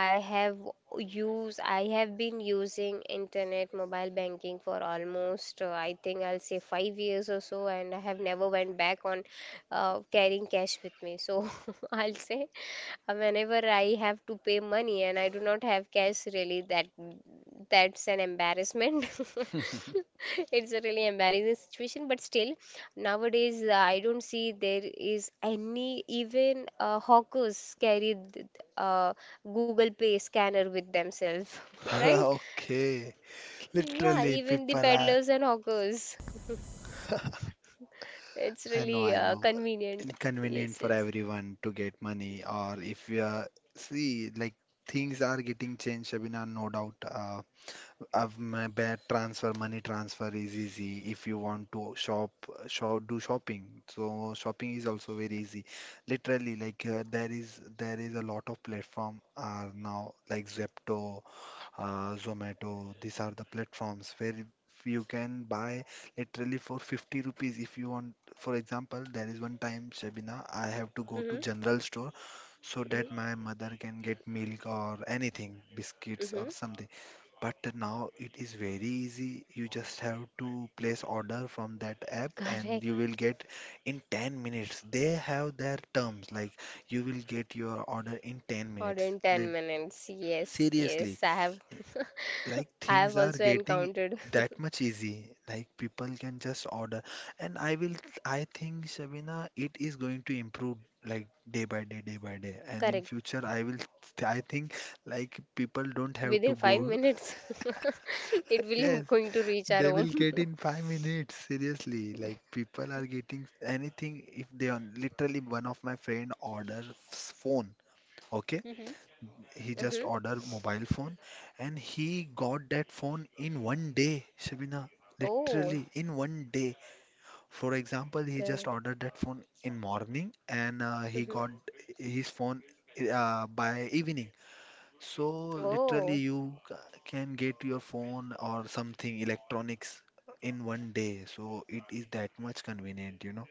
I have I have been using internet mobile banking for almost I think I'll say 5 years or so, and I have never went back on carrying cash with me. So *laughs* I'll say. Whenever I have to pay money and I do not have cash, really, that, that's an embarrassment. *laughs* *laughs* It's a really embarrassing situation, but still, nowadays I don't see there is any, even hawkers carry uh, Google Pay scanner with themselves, *laughs* *laughs* right? Okay. Yeah, Literally, even the people are, peddlers and hawkers. It's really I know, convenient. inconvenient Yes, for yes. everyone to get money. Or if you are, see, like things are getting changed, Shabina, no doubt. Of my bad transfer, money transfer is easy. If you want to shop, do shopping. So shopping is also very easy. Literally, like there is a lot of platform are now, like Zepto, Zomato. These are the platforms where you can buy literally for 50 rupees if you want. For example, there is one time, Shabina, I have to go to Mm-hmm, general store so that my mm-hmm, mother can get milk or anything, biscuits or mm-hmm. something. But now it is very easy. You just have to place order from that app and Correct. you will get in 10 minutes. They have their terms, like you will get your order in 10 Or minutes. in Like, 10 minutes. Yes, seriously, yes. I have *laughs* like I things have are also getting encountered. that much easy. Like people can just order. And I will, I think, Shabina, it is going to improve like day by day, day by day. *laughs* And in Correct. future, I will, I think like people don't have to Within 5 go. *laughs* minutes *laughs* it will Yes. going to reach our They will home. get *laughs* in 5 minutes, seriously. Like people are getting anything if they on, literally one of my friend orders phone. Okay, Mhm. he just Hmm. ordered mobile phone and he got that phone in 1 day, Shabina. Oh, Literally in 1 day. For example, he just correct. ordered that phone in morning and he got Hmm. his phone by evening. So literally Oh. you can get your phone or something electronics in 1 day. So it is that much convenient, you know.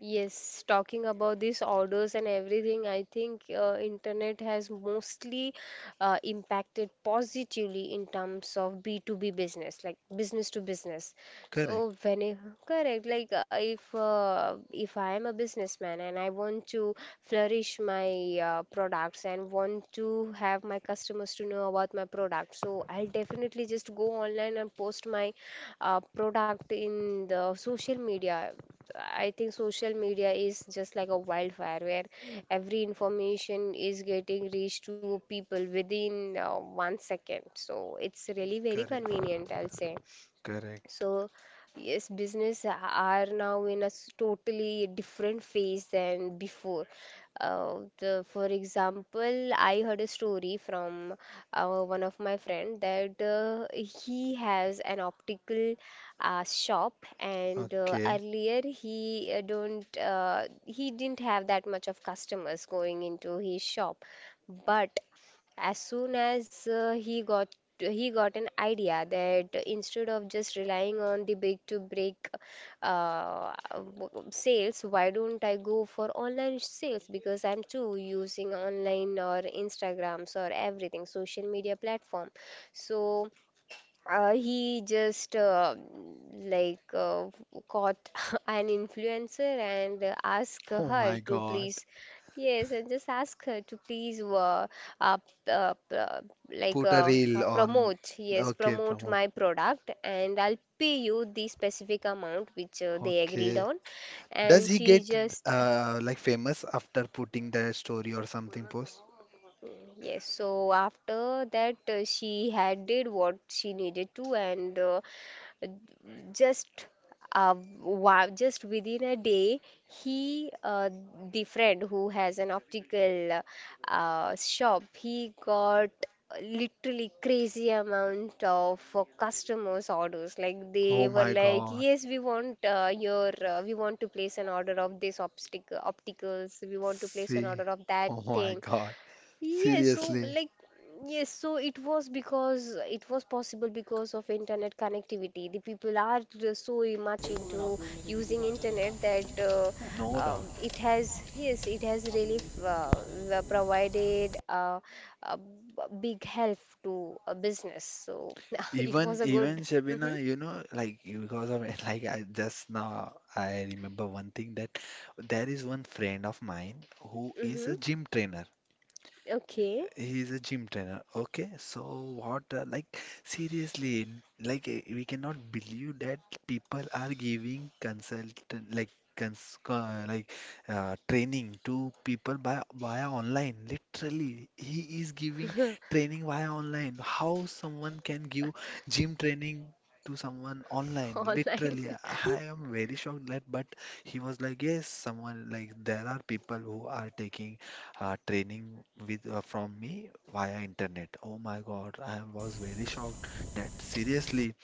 Yes, talking about these orders and everything, I think internet has mostly impacted positively in terms of B2B business, like business to business. Correct, So when I, correct, like, if I am a businessman and I want to flourish my products and want to have my customers to know about my product, so I'll definitely just go online and post my product in the social media. I think social media is just like a wildfire where every information is getting reached to people within 1 second. So it's really very correct. convenient, I'll say. Correct. So, yes, business are now in a totally different phase than before. The, for example, I heard a story from one of my friend that he has an optical shop, and Okay. *laughs* earlier he don't he didn't have that much of customers going into his shop, but as soon as he got an idea that instead of just relying on the big to break sales, why don't I go for online sales, because I'm too using online or instagrams or everything social media platform. So he just like caught *laughs* an influencer and asked Oh her my to God. please, yes, and just ask her to please, p- p- like Put a reel on. promote, yes, Okay, promote promote. my product and I'll pay you the specific amount which they agreed Okay. on. Does And he she get just, like famous after putting the story or something post? yes, so after that she had did what she needed to, and just uh, wow, just within a day, he, the friend who has an optical shop, he got literally crazy amount of customers orders, like they Oh were my like, God. yes, we want your we want to place an order of this optic opticals, we want to place an See. order of that Oh my thing. God. Yes, so Seriously. like, yes, so it was, because it was possible because of internet connectivity. The people are so much into using internet that No doubt. It has, yes, it has really provided a big help to a business. So *laughs* it Even was a even good. Hmm. Shabina, you know, like you- because of it, *laughs* like I just now I remember one thing that there is one friend of mine who is Hmm. a gym trainer. Okay, He's a gym trainer. Okay, so what, like, seriously, like, we cannot believe that people are giving consultant, like, like, training to people by via online. Literally, he is giving training via online. How someone can give gym training to someone *laughs* online? online. Literally, I am very shocked that, but he was like, yes, someone like there are people who are taking training with from me via internet. Oh my God, I was very shocked that seriously.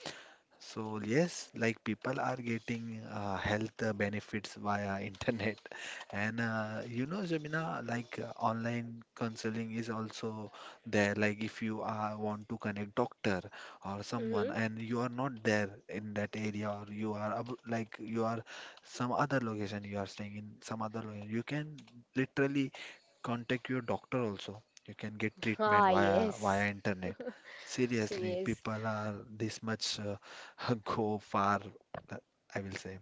So yes, like people are getting health benefits via internet, *laughs* and you know, Jamina, like online counseling is also there. Like if you want to connect doctor or *laughs* someone, Hmm. and you are not there in that area, or you are like you are some other location, you are staying in some other location, you can literally contact your doctor also. You can get treatment Ah via yes, internet. *laughs* Seriously, yes. people are this much *laughs* go far, uh, I will say.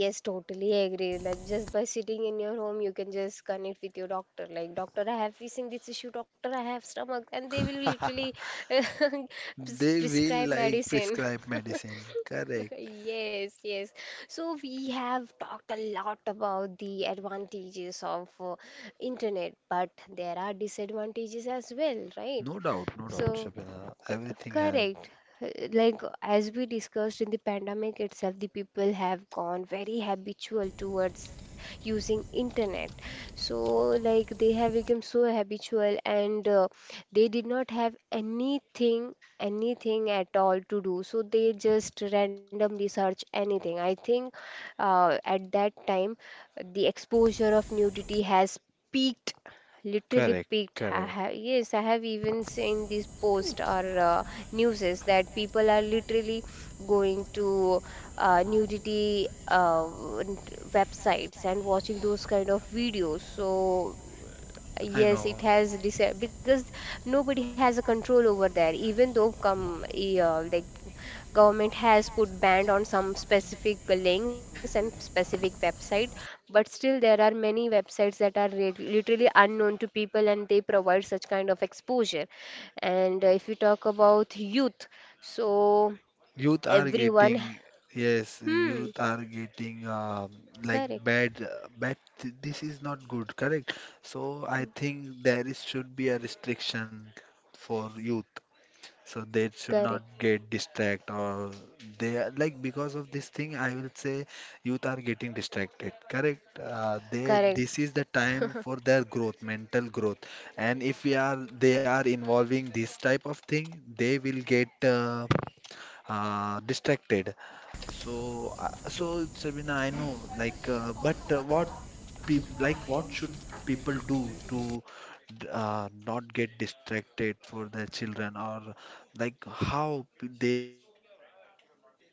Yes, totally agree. Like just by sitting in your home, you can just connect with your doctor. Like, doctor, I have facing this issue. Doctor, I have stomach, and they will literally *laughs* *laughs* They will prescribe like medicine. prescribe *laughs* medicine. Correct. Yes, yes. So we have talked a lot about the advantages of internet, but there are disadvantages as well, right? No doubt, no doubt, So Shabina. C- Everything has. correct. Like as we discussed in the pandemic itself, the people have gone very habitual towards using internet. So like they have become so habitual, and they did not have anything at all to do. So they just randomly search anything. I think at that time, the exposure of nudity has peaked, literally Correct, peaked. I correct. have, yes, I have even seen these posts or newses that people are literally going to nudity websites and watching those kind of videos. So I yes, it know. has dis, because nobody has a control over there. Even though like government has put ban on some specific links and specific website, but still there are many websites that are re literally unknown to people, and they provide such kind of exposure. And if you talk about youth, so Youth are everyone, getting, yes, hmm, youth are getting like correct, bad, bad. This is not good, correct? So I think there is should be a restriction for youth. So they should not correct, get distracted, or they are like because of this thing, I will say youth are getting distracted, correct? They correct. this is the time for their growth, mental growth, and if we are they are involving this type of thing, they will get uh, distracted. So, So so it's Sabina, I know, like, but what peop like, like, what what should should people people do do? to d- not get distracted for their children, or like how they will limit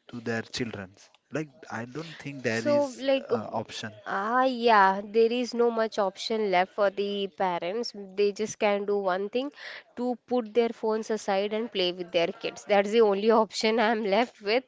to their children's? Like, I don't think there So, is like, option. Yeah, there is no much option left for the parents. They just can do one thing, to put their phones aside and play with their kids. That's the only *laughs* option I'm left with,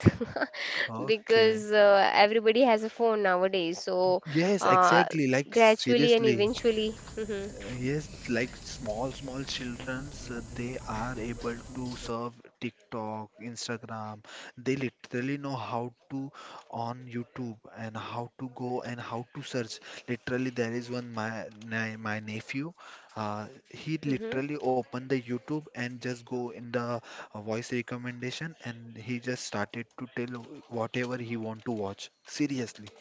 *laughs* Okay. because everybody has a phone nowadays. So, Yes, uh, exactly. Like, gradually and seriously. eventually. *laughs* Hmm. Yes, Like like small small, small small children, childrens, when they they are are able able to to serve. serve TikTok, Instagram. They literally know how to on YouTube and how to go and how to search. Literally, there is one my nephew. He Hmm. literally opened the YouTube and just go in the voice recommendation, and he just started to tell whatever he want to watch. Seriously,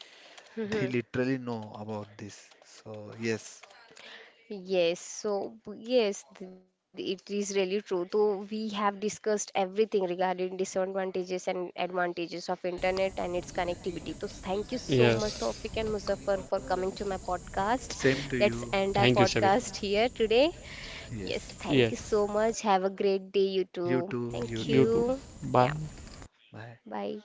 they Hmm. literally know about this. So yes, Yes, so yes, it is really true. So we have discussed everything regarding disadvantages and advantages of internet and its connectivity. So thank you so much, Yes. Tawfiq and Muzaffar, for coming to my podcast. same to Let's you. end our Thank you, Shabir. podcast here today. Yes, Yes. thank you so Yes. much. Have a great day, you too. You Thank You too. too. you. Bye. Yeah, Bye. bye.